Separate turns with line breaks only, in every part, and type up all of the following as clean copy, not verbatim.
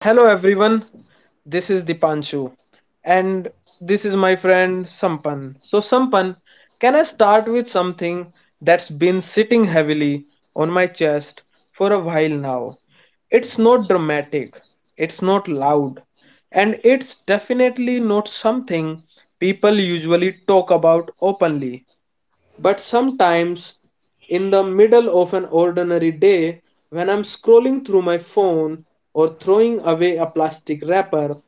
Hello everyone, this is Dipanshu and this is my friend Sampan. So, Sampan, can I start with something that's been sitting heavily on my chest for a while now? It's not dramatic, it's not loud, and it's definitely not something people usually talk about openly. But sometimes, in the middle of an ordinary day, when I'm scrolling through my phone or throwing away a plastic wrapper,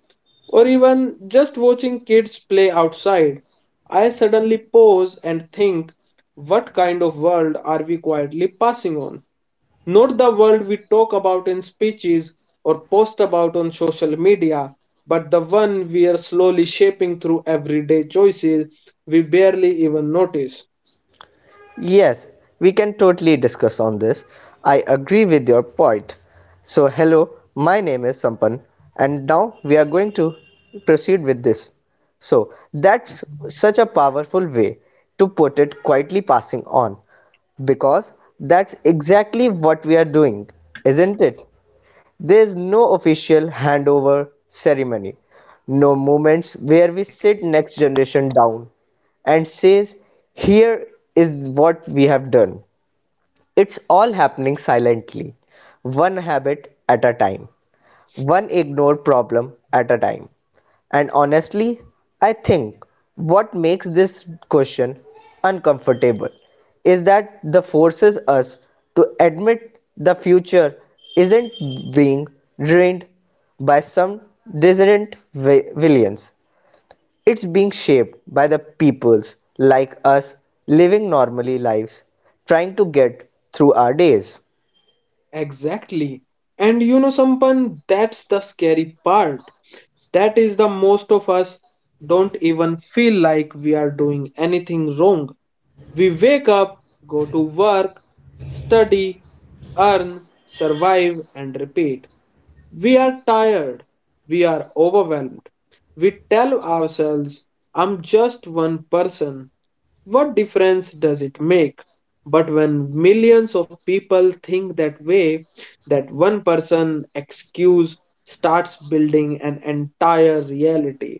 or even just watching kids play outside, I suddenly pause and think, what kind of world are we quietly passing on? Not the world we talk about in speeches or post about on social media, but the one we are slowly shaping through everyday choices we barely even notice.
Yes, we can totally discuss on this. I agree with your point. So, hello, my name is Sampan, and now we are going to proceed with this. So, that's such a powerful way to put it quietly passing on because that's exactly what we are doing, isn't it? There's no official handover ceremony, no moments where we sit next generation down and says, here is what we have done. It's all happening silently, one habit at a time, one ignored problem at a time. And honestly, I think what makes this question uncomfortable is that the forces us to admit the future isn't being ruined by some dissident villains, it's being shaped by the peoples like us living normally lives, trying to get through our days.
Exactly. And you know, Sampan, that's the scary part. That is the most of us don't even feel like we are doing anything wrong. We wake up, go to work, study, earn, survive, and repeat. We are tired. We are overwhelmed. We tell ourselves, I'm just one person. What difference does it make? But when millions of people think that way, that one person excuse starts building an entire reality.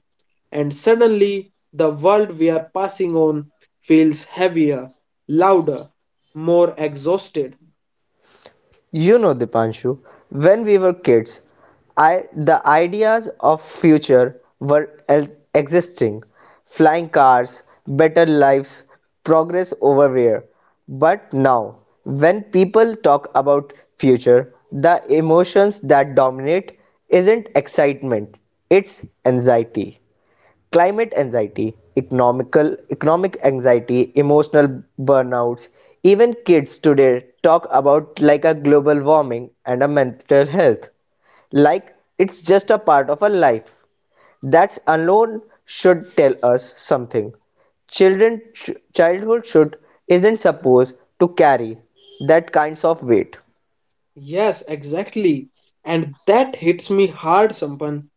And suddenly, the world we are passing on feels heavier, louder, more exhausted.
You know, Dipanshu, when we were kids, I the ideas of future were existing, flying cars, better lives, progress everywhere. But now, when people talk about future, the emotions that dominate isn't excitement, it's anxiety. Climate anxiety, economic anxiety, emotional burnouts, even kids today talk about like a global warming and a mental health. Like it's just a part of a life. That alone should tell us something. Children childhood should isn't supposed to carry that kinds of weight.
Yes, exactly. And that hits me hard, Sampan,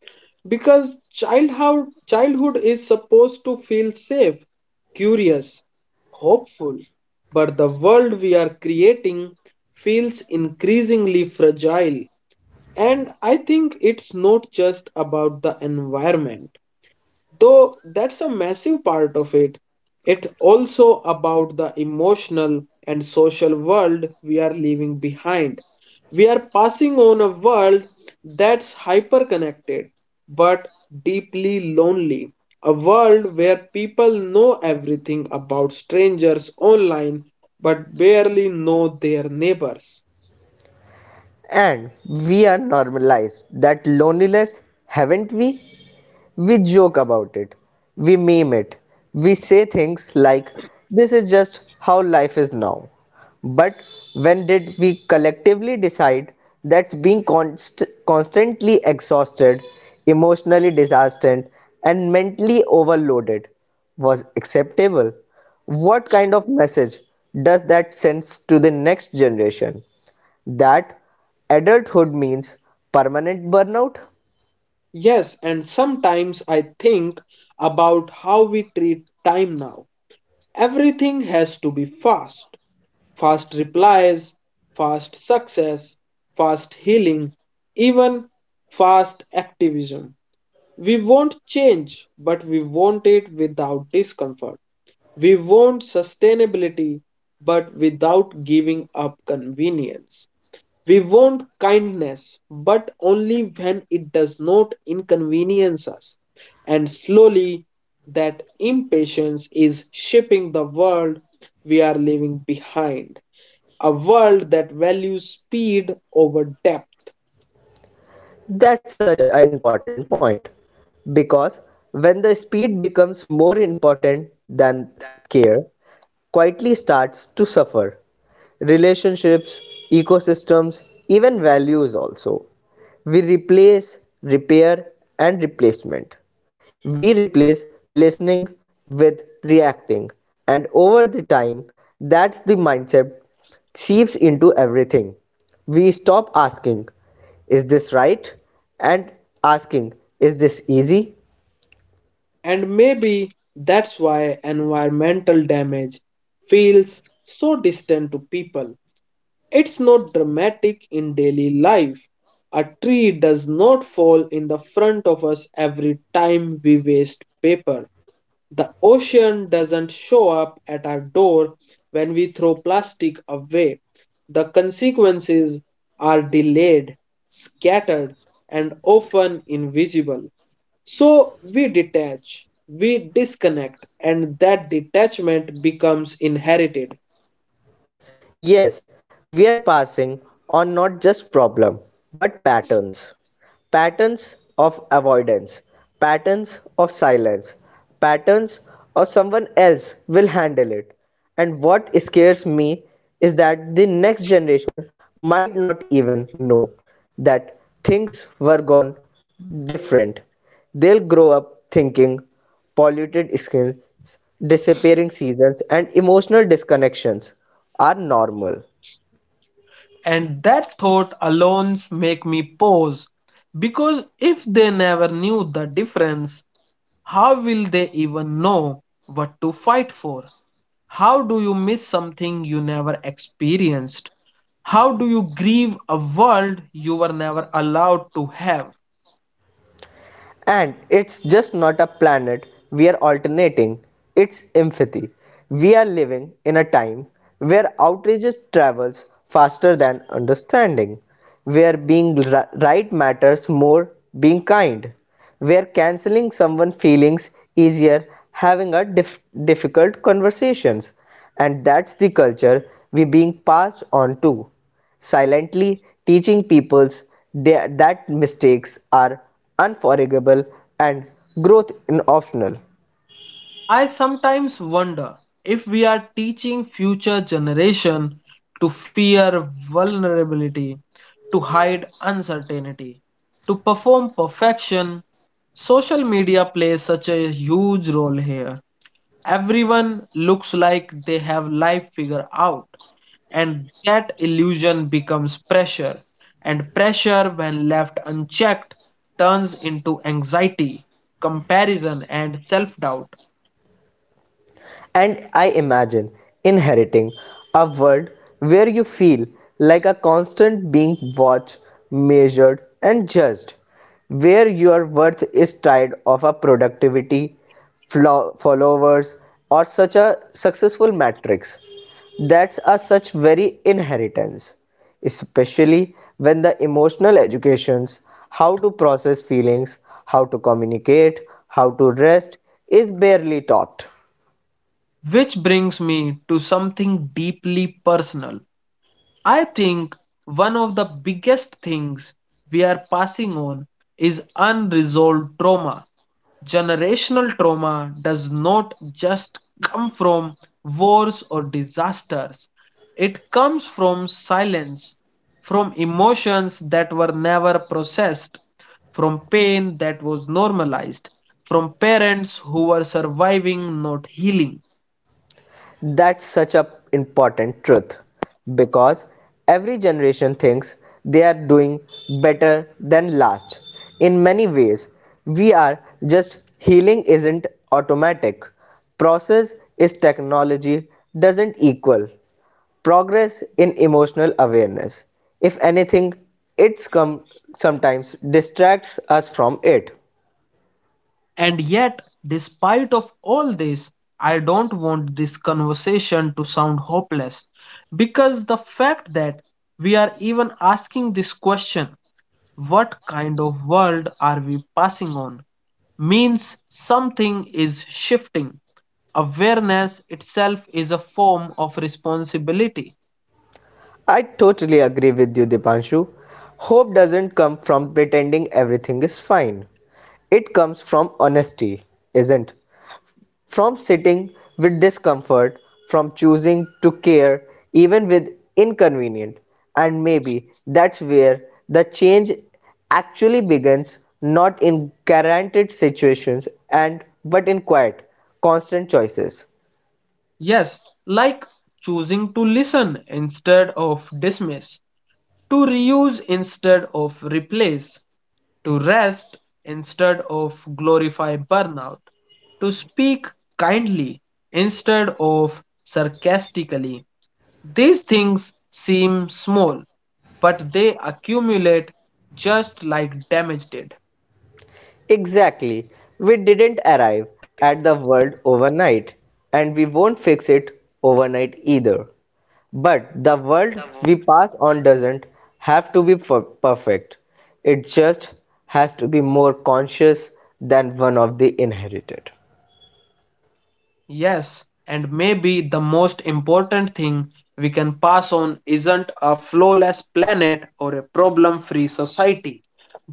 because childhood is supposed to feel safe, curious, hopeful. But the world we are creating feels increasingly fragile. And I think it's not just about the environment. Though that's a massive part of it, it's also about the emotional and social world we are leaving behind. We are passing on a world that's hyperconnected but deeply lonely. A world where people know everything about strangers online but barely know their neighbors.
And we are normalized that loneliness, haven't we? We joke about it. We meme it. We say things like, this is just how life is now. But when did we collectively decide that's being constantly exhausted, emotionally disastrous, and mentally overloaded was acceptable? What kind of message does that send to the next generation? That adulthood means permanent burnout?
Yes, and sometimes I think about how we treat time now. Everything has to be fast replies, fast success, fast healing, even fast activism. We want change, but we want it without discomfort. We want sustainability, but without giving up convenience. We want kindness, but only when it does not inconvenience us. And slowly, that impatience is shaping the world we are leaving behind. A world that values speed over depth.
That's such an important point because when the speed becomes more important than care, quietly starts to suffer. Relationships, ecosystems, even values also. We replace, repair, and replacement we replace listening with reacting and over the time that's the mindset seeps into everything we stop asking is this right and asking is this easy.
And maybe that's why environmental damage feels so distant to people. It's not dramatic in daily life. A tree does not fall in the front of us every time we waste paper. The ocean doesn't show up at our door when we throw plastic away. The consequences are delayed, scattered, and often invisible. So we detach, we disconnect, and that detachment becomes inherited.
Yes, we are passing on not just problem but patterns. Patterns of avoidance, patterns of silence, patterns of someone else will handle it. And what scares me is that the next generation might not even know that things were gone different. They'll grow up thinking polluted skins disappearing seasons and emotional disconnections are normal.
And that thought alone make me pause because if they never knew the difference, how will they even know what to fight for? How do you miss something you never experienced? How do you grieve a world you were never allowed to have?
And it's just not a planet we are alternating, it's empathy. We are living in a time where outrages travels faster than understanding, where being right matters more being kind, where canceling someone feelings easier having a difficult conversations and that's the culture we being passed on to silently teaching people that mistakes are unforgivable and growth is optional.
I sometimes wonder if we are teaching future generation to fear vulnerability, to hide uncertainty, to perform perfection. Social media plays such a huge role here. Everyone looks like they have life figured out, and that illusion becomes pressure. And pressure, when left unchecked, turns into anxiety, comparison, and self doubt.
And I imagine inheriting a world where you feel like a constant being watched, measured, and judged, where your worth is tied of a productivity, followers, or such a successful matrix. That's a such very inheritance, especially when the emotional educations, how to process feelings, how to communicate, how to rest, is barely taught.
Which brings me to something deeply personal. I think one of the biggest things we are passing on is unresolved trauma. Generational trauma does not just come from wars or disasters, it comes from silence, from emotions that were never processed, from pain that was normalized, from parents who were surviving, not healing.
That's such a important truth because every generation thinks they are doing better than last. In many ways, we are just healing isn't automatic. Process is technology doesn't equal progress in emotional awareness. If anything, it's come sometimes distracts us from it.
And yet, despite of all this, I don't want this conversation to sound hopeless because the fact that we are even asking this question, what kind of world are we passing on, means something is shifting. Awareness itself is a form of responsibility.
I totally agree with you, Dipanshu. Hope doesn't come from pretending everything is fine. It comes from honesty, isn't? From sitting with discomfort, from choosing to care even with inconvenient. And maybe that's where the change actually begins not in guaranteed situations and but in quiet, constant choices.
Yes, like choosing to listen instead of dismiss, to reuse instead of replace, to rest instead of glorify burnout, to speak kindly instead of sarcastically. These things seem small, but they accumulate just like damage did.
Exactly. We didn't arrive at the world overnight, and we won't fix it overnight either. But the world we pass on doesn't have to be perfect, it just has to be more conscious than one of the inherited.
Yes, and maybe the most important thing we can pass on isn't a flawless planet or a problem free society,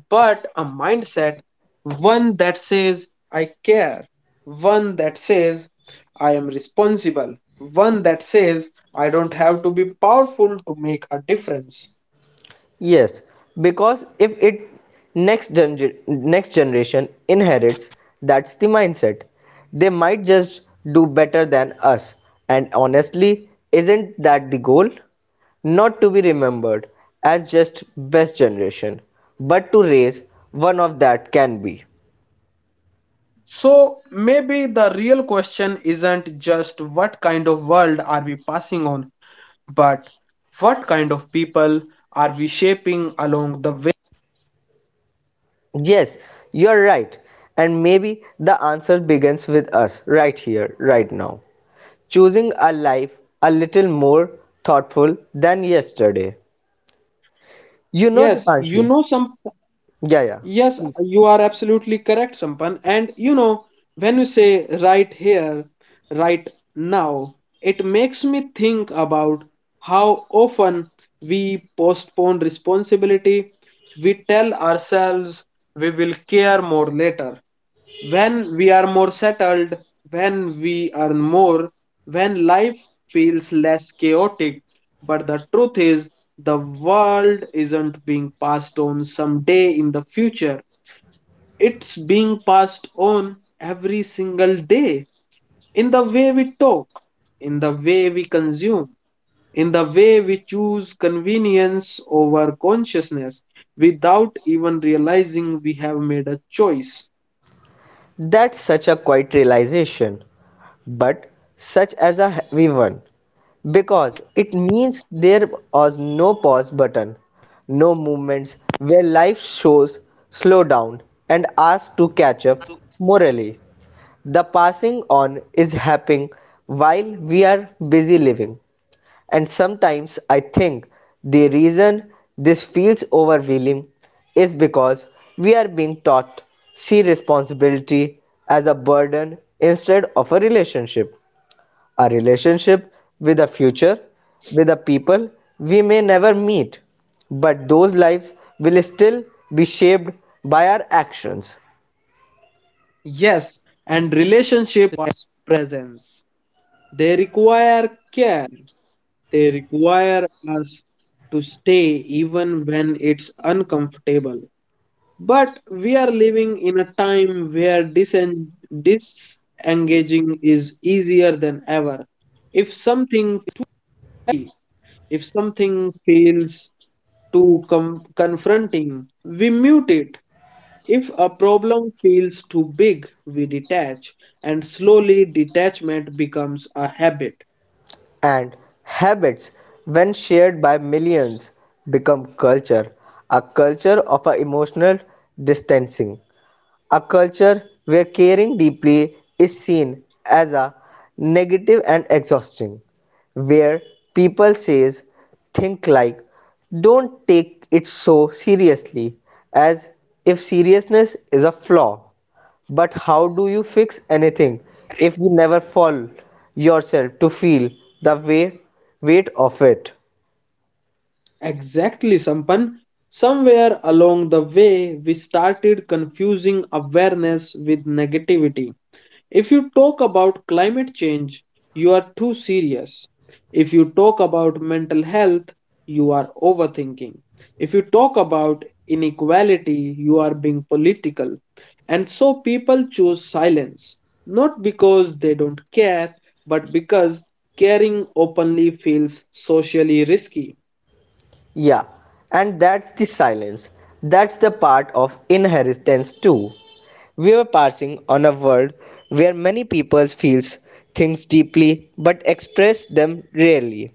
but a mindset, one that says, I care, one that says, I am responsible, one that says, I don't have to be powerful to make a difference.
Yes, because if it next next generation inherits, that's the mindset. They might just do better than us. And honestly, isn't that the goal? Not to be remembered as just best generation, but to raise one of that can be.
So maybe the real question isn't just what kind of world are we passing on, but what kind of people are we shaping along the way?
Yes, you're right. And maybe the answer begins with us right here, right now. Choosing a life a little more thoughtful than yesterday. You
Yes,
know,
you know
Dipanshu,
some.
yeah, yeah,
Yes, you are absolutely correct, Sampan. And you know, when you say right here, right now, it makes me think about how often we postpone responsibility. We tell ourselves we will care more later. When we are more settled, when we earn more, when life feels less chaotic, but the truth is, the world isn't being passed on someday in the future. It's being passed on every single day in the way we talk, in the way we consume, in the way we choose convenience over consciousness without even realizing we have made a choice.
that's such a quiet realization, but such as a heavy one, because it means there was no pause button, no movements where life shows slow down and asks to catch up morally. The passing on is happening while we are busy living. And sometimes I think the reason this feels overwhelming is because we are being taught see responsibility as a burden instead of a relationship. A relationship with a future, with the people we may never meet, but those lives will still be shaped by our actions.
Yes, and relationship has presence. They require care. They require us to stay even when it's uncomfortable. But we are living in a time where disengaging is easier than ever. If something if something feels confronting, we mute it. If a problem feels too big, we detach, and slowly detachment becomes a habit.
And habits when shared by millions become culture, a culture of a emotional distancing, a culture where caring deeply is seen as a negative and exhausting, where people says think like don't take it so seriously as if seriousness is a flaw but how do you fix anything if you never fall yourself to feel the weight of it?
Exactly, Sampan. Somewhere along the way, we started confusing awareness with negativity. If you talk about climate change, you are too serious. If you talk about mental health, you are overthinking. If you talk about inequality, you are being political. And so people choose silence, not because they don't care, but because caring openly feels socially risky.
Yeah, and that's the silence. That's the part of inheritance too. We are passing on a world where many people feels things deeply but express them rarely,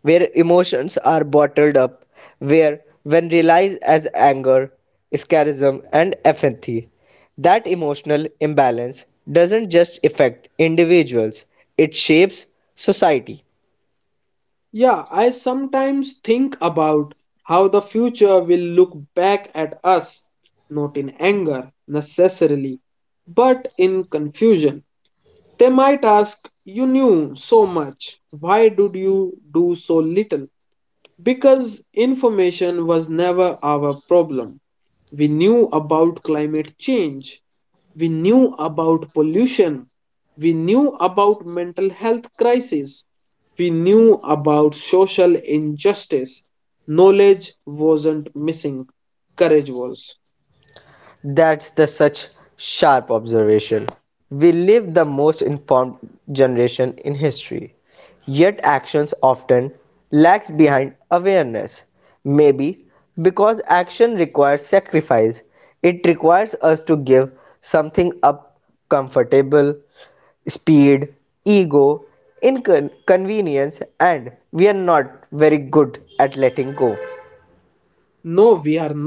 where emotions are bottled up, where when realized as anger, scarism and apathy, that emotional imbalance doesn't just affect individuals, it shapes society.
Yeah, I sometimes think about how the future will look back at us, not in anger necessarily, but in confusion. They might ask, you knew so much, why did you do so little? Because information was never our problem. We knew about climate change. We knew about pollution. We knew about mental health crisis. We knew about social injustice. Knowledge wasn't missing, courage was.
That's the such sharp observation. We live the most informed generation in history, yet actions often lags behind awareness. Maybe because action requires sacrifice, it requires us to give something up comfortable, speed, ego, inconvenience, and we are not very good at letting go.
No, we are not.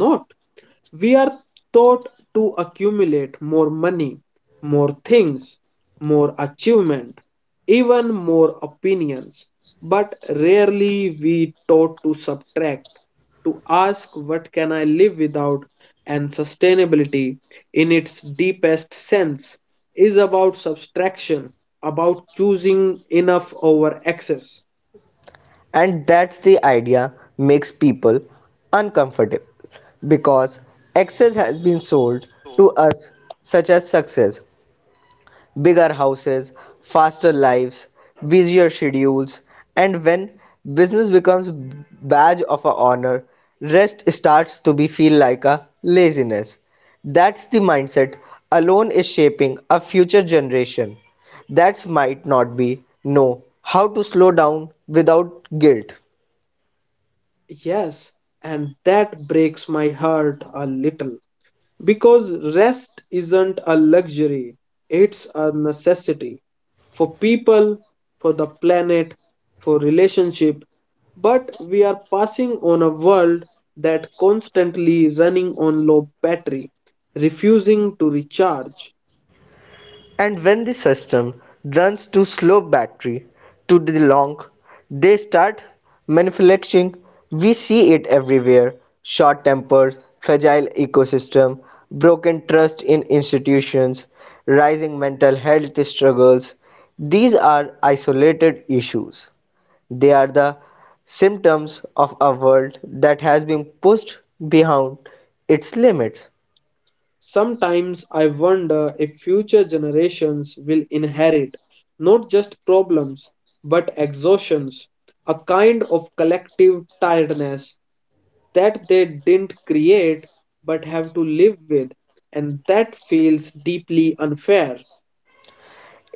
We are taught to accumulate more money, more things, more achievement, even more opinions, but rarely we taught to subtract, to ask what can I live without, and sustainability in its deepest sense is about subtraction, about choosing enough over excess.
And that's the idea makes people uncomfortable because excess has been sold to us such as success bigger houses faster lives busier schedules and when business becomes badge of a honor rest starts to be feel like a laziness that's the mindset alone is shaping a future generation that might not be know how to slow down without guilt.
Yes, and that breaks my heart a little. Because rest isn't a luxury, it's a necessity for people, for the planet, for relationship. But we are passing on a world that constantly running on low battery, refusing to recharge.
And when the system runs too slow battery to the long they start manufacturing we see it everywhere short tempers fragile ecosystem broken trust in institutions rising mental health struggles these are isolated issues they are the symptoms of a world that has been pushed beyond its limits.
Sometimes I wonder if future generations will inherit not just problems but exhaustions, a kind of collective tiredness that they didn't create but have to live with. And that feels deeply unfair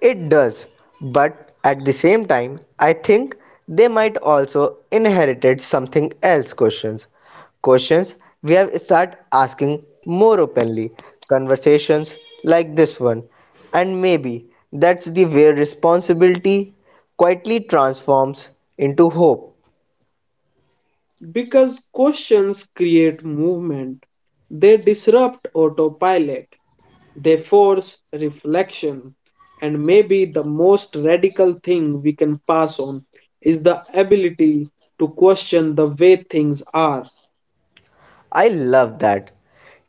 It does, but at the same time, I think they might also inherited something else questions. Questions we have start asking more openly, conversations like this one. And maybe that's the way responsibility quietly transforms into hope.
because questions create movement, they disrupt autopilot. They force reflection, and maybe the most radical thing we can pass on is the ability to question the way things are.
I love that.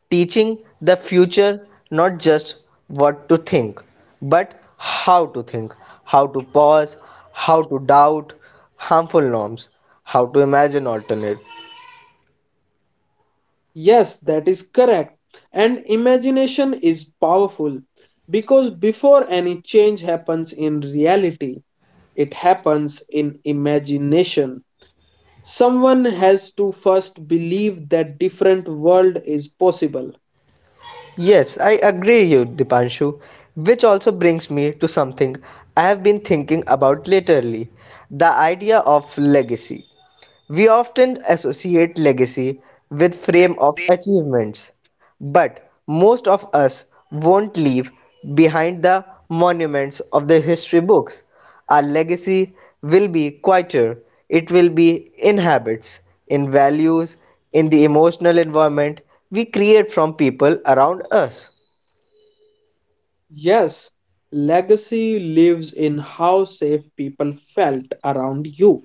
Teaching the future not just what to think but how to think, how to pause, how to doubt harmful norms, how to imagine alternate.
Yes, that is correct. And imagination is powerful because before any change happens in reality, it happens in imagination. Someone has to first believe that different world is possible.
Yes, I agree you Dipanshu, which also brings me to something I have been thinking about lately, the idea of legacy. We often associate legacy with frame of achievements, but most of us won't leave behind the monuments of the history books. Our legacy will be quieter. It will be in habits, in values, in the emotional environment we create from people around us.
Yes, legacy lives in how safe people felt around you,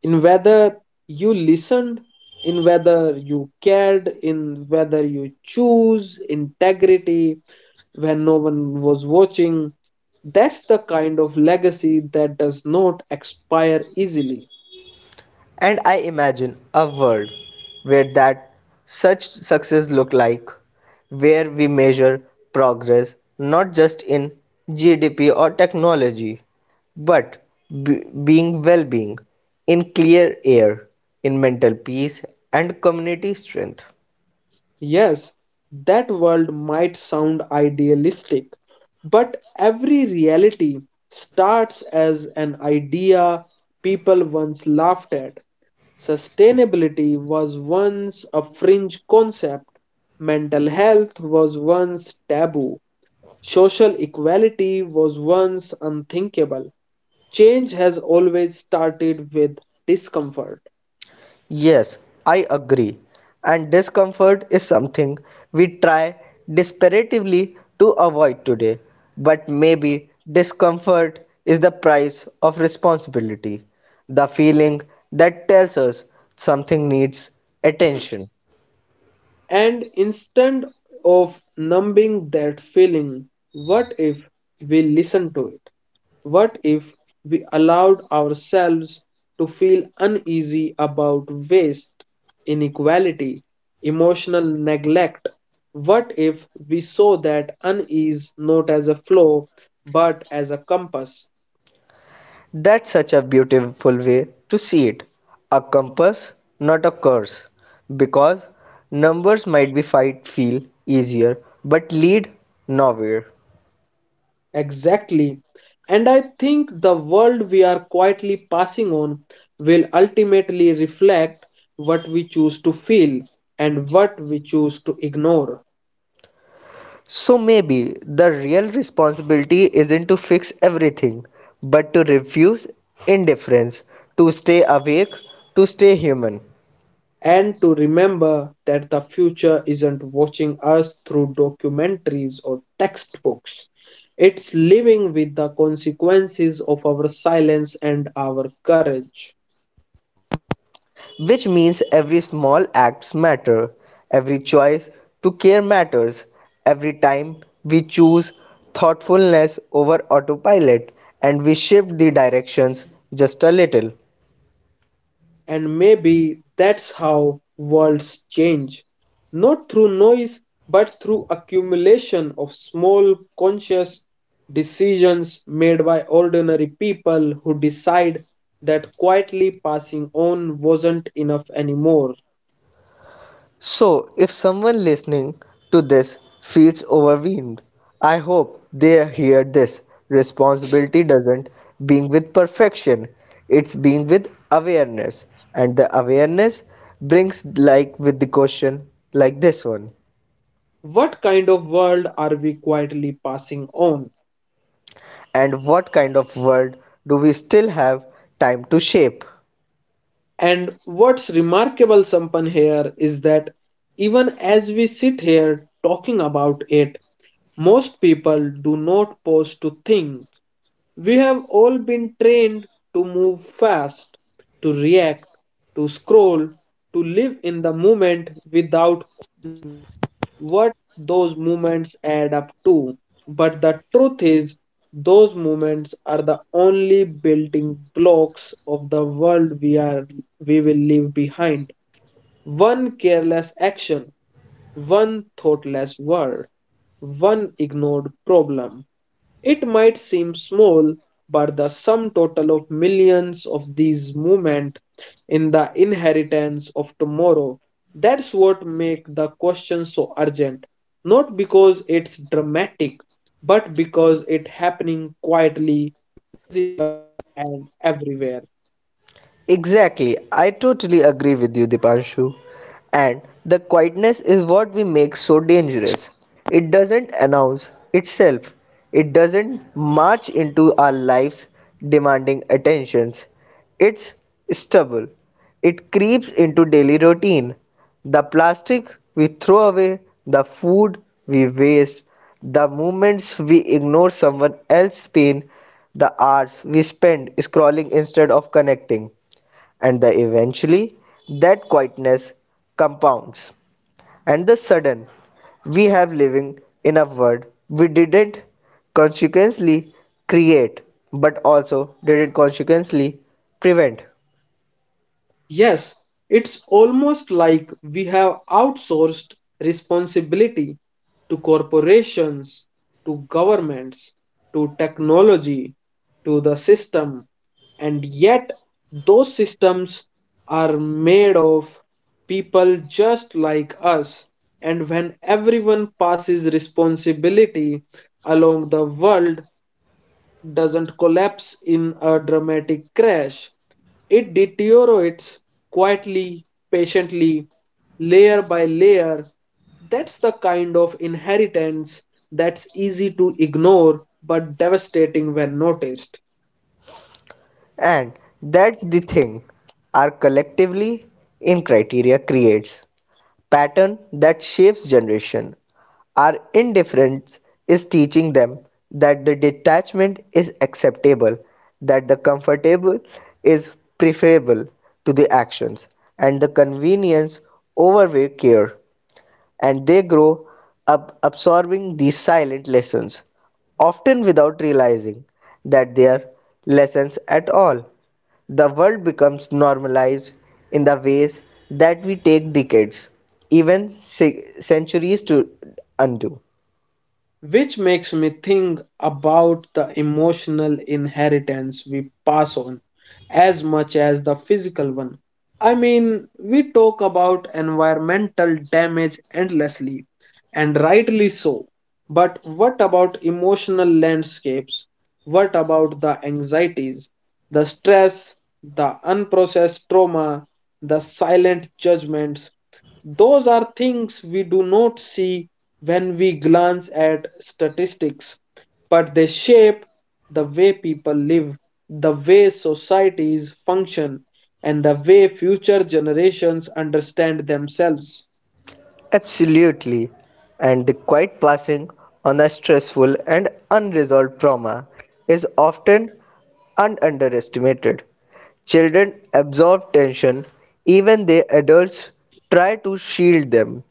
in whether you listened, in whether you cared, in whether you choose integrity when no one was watching. That's the kind of legacy that does not expire easily.
And I imagine a world where that such success look like, where we measure progress not just in GDP or technology, but being well-being in clear air, in mental peace and community strength.
Yes, that world might sound idealistic, but every reality starts as an idea people once laughed at. Sustainability was once a fringe concept, mental health was once taboo, social equality was once unthinkable. Change has always started with discomfort.
Yes, I agree. And discomfort is something we try desperately to avoid today. But maybe discomfort is the price of responsibility, the feeling that tells us something needs attention.
And instead of numbing that feeling, what if we listened to it? What if we allowed ourselves to feel uneasy about waste, inequality, emotional neglect? What if we saw that unease not as a flaw but as a compass?
That's such a beautiful way to see it. A compass, not a curse. Because numbers might be fight feel easier but lead nowhere.
Exactly. And I think the world we are quietly passing on will ultimately reflect what we choose to feel and what we choose to ignore.
So maybe the real responsibility isn't to fix everything, but to refuse indifference, to stay awake, to stay human.
And to remember that the future isn't watching us through documentaries or textbooks, it's living with the consequences of our silence and our courage.
Which means every small acts matter, every choice to care matters, every time we choose thoughtfulness over autopilot and we shift the directions just a little.
And maybe that's how worlds change, not through noise, but through accumulation of small conscious decisions made by ordinary people who decide that quietly passing on wasn't enough anymore.
So, if someone listening to this feels overwhelmed, I hope they hear this. Responsibility doesn't being with perfection, it's being with awareness. And the awareness brings, like, with the question like this one.
What kind of world are we quietly passing on?
And what kind of world do we still have time to shape?
And what's remarkable, Sampan, here is that even as we sit here talking about it, most people do not pause to think. We have all been trained to move fast, to react, to scroll, to live in the moment without what those moments add up to. But the truth is, those moments are the only building blocks of the world we will leave behind. One careless action, one thoughtless word, one ignored problem, it might seem small, but the sum total of millions of these movements in the inheritance of tomorrow. That's what makes the question so urgent. Not because it's dramatic, but because it's happening quietly and everywhere.
Exactly, I totally agree with you, Dipanshu. And the quietness is what we make so dangerous. It doesn't announce itself, it doesn't march into our lives demanding attentions. It's stubble, it creeps into daily routine. The plastic we throw away, the food we waste, the moments we ignore someone else's pain, the hours we spend scrolling instead of connecting and the eventually that quietness compounds and the sudden we have living in a world we didn't consequently create but also didn't consequently prevent.
Yes, it's almost like we have outsourced responsibility to corporations, to governments, to technology, to the system, and yet those systems are made of people just like us. And when everyone passes responsibility along the world, doesn't collapse in a dramatic crash. It deteriorates quietly, patiently, layer by layer. That's the kind of inheritance that's easy to ignore but devastating when noticed.
And that's the thing our collectively in criteria creates pattern that shapes generation. Our indifference is teaching them that the detachment is acceptable, that the comfortable is preferable to the actions, and the convenience over care and they grow up absorbing these silent lessons, often without realizing that they are lessons at all. The world becomes normalized in the ways that we take decades, even centuries to undo.
Which makes me think about the emotional inheritance we pass on as much as the physical one. I mean, we talk about environmental damage endlessly, and rightly so. But what about emotional landscapes? What about the anxieties, the stress, the unprocessed trauma, the silent judgments? Those are things we do not see when we glance at statistics, but they shape the way people live, the way societies function, and the way future generations understand themselves.
Absolutely. And the quiet passing on a stressful and unresolved trauma is often underestimated. Children absorb tension even they adults try to shield them.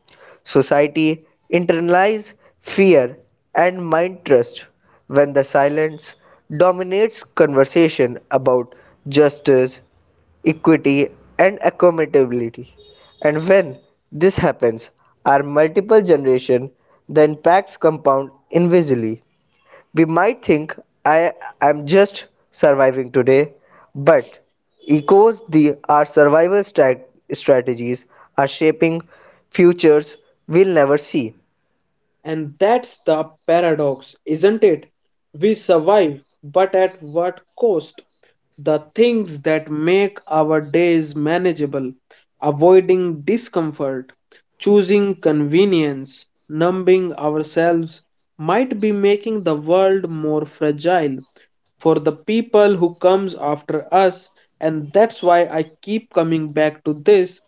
Society internalizes fear and mind trust when the silence dominates conversation about justice, equity and accountability. And when this happens, our multiple generation, the impacts compound invisibly. We might think I am just surviving today, but echoes the our survival strategies are shaping futures we'll never see.
And that's the paradox, isn't it? We survive, but at what cost? The things that make our days manageable, avoiding discomfort, choosing convenience, numbing ourselves, might be making the world more fragile for the people who comes after us, and that's why I keep coming back to this,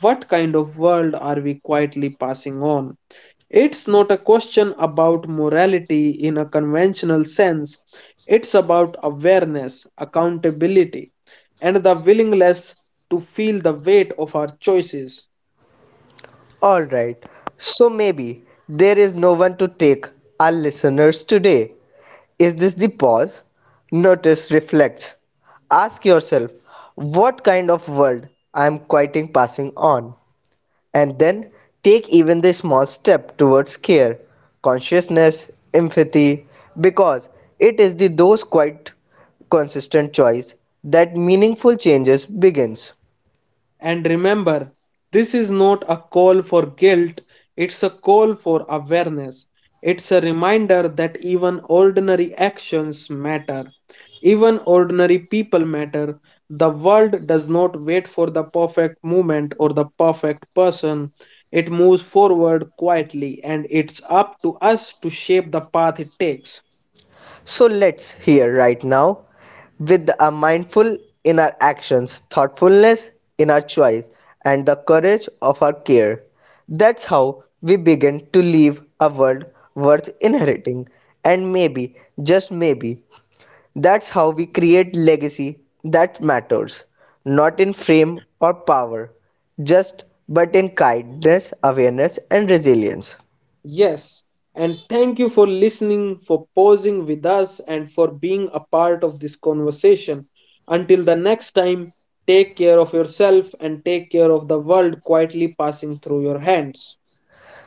what kind of world are we quietly passing on? It's not a question about morality in a conventional sense, it's about awareness, accountability, and the willingness to feel the weight of our choices.
All right. So maybe there is no one to take our listeners today. Is this the pause? Notice, reflect. Ask yourself, what kind of world I am quieting passing on? And then take even the small step towards care, consciousness, empathy, because it is the those quite consistent choice that meaningful changes begins.
And remember, this is not a call for guilt, it's a call for awareness. It's a reminder that even ordinary actions matter. Even ordinary people matter. The world does not wait for the perfect moment or the perfect person. It moves forward quietly, and it's up to us to shape the path it takes.
So let's hear right now with a mindful in our actions, thoughtfulness in our choice, and the courage of our care. That's how we begin to leave a world worth inheriting. And maybe, just maybe, that's how we create legacy that matters, not in fame or power, just but in kindness, awareness, and resilience.
Yes, and thank you for listening, for pausing with us, and for being a part of this conversation. Until the next time, take care of yourself and take care of the world quietly passing through your hands.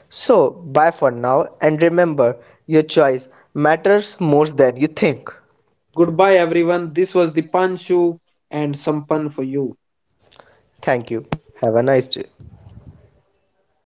So, bye for now, and remember, your choice matters more than you think.
Goodbye, everyone. This was the Dipanshu and Sampan for you.
Thank you. Have a nice day.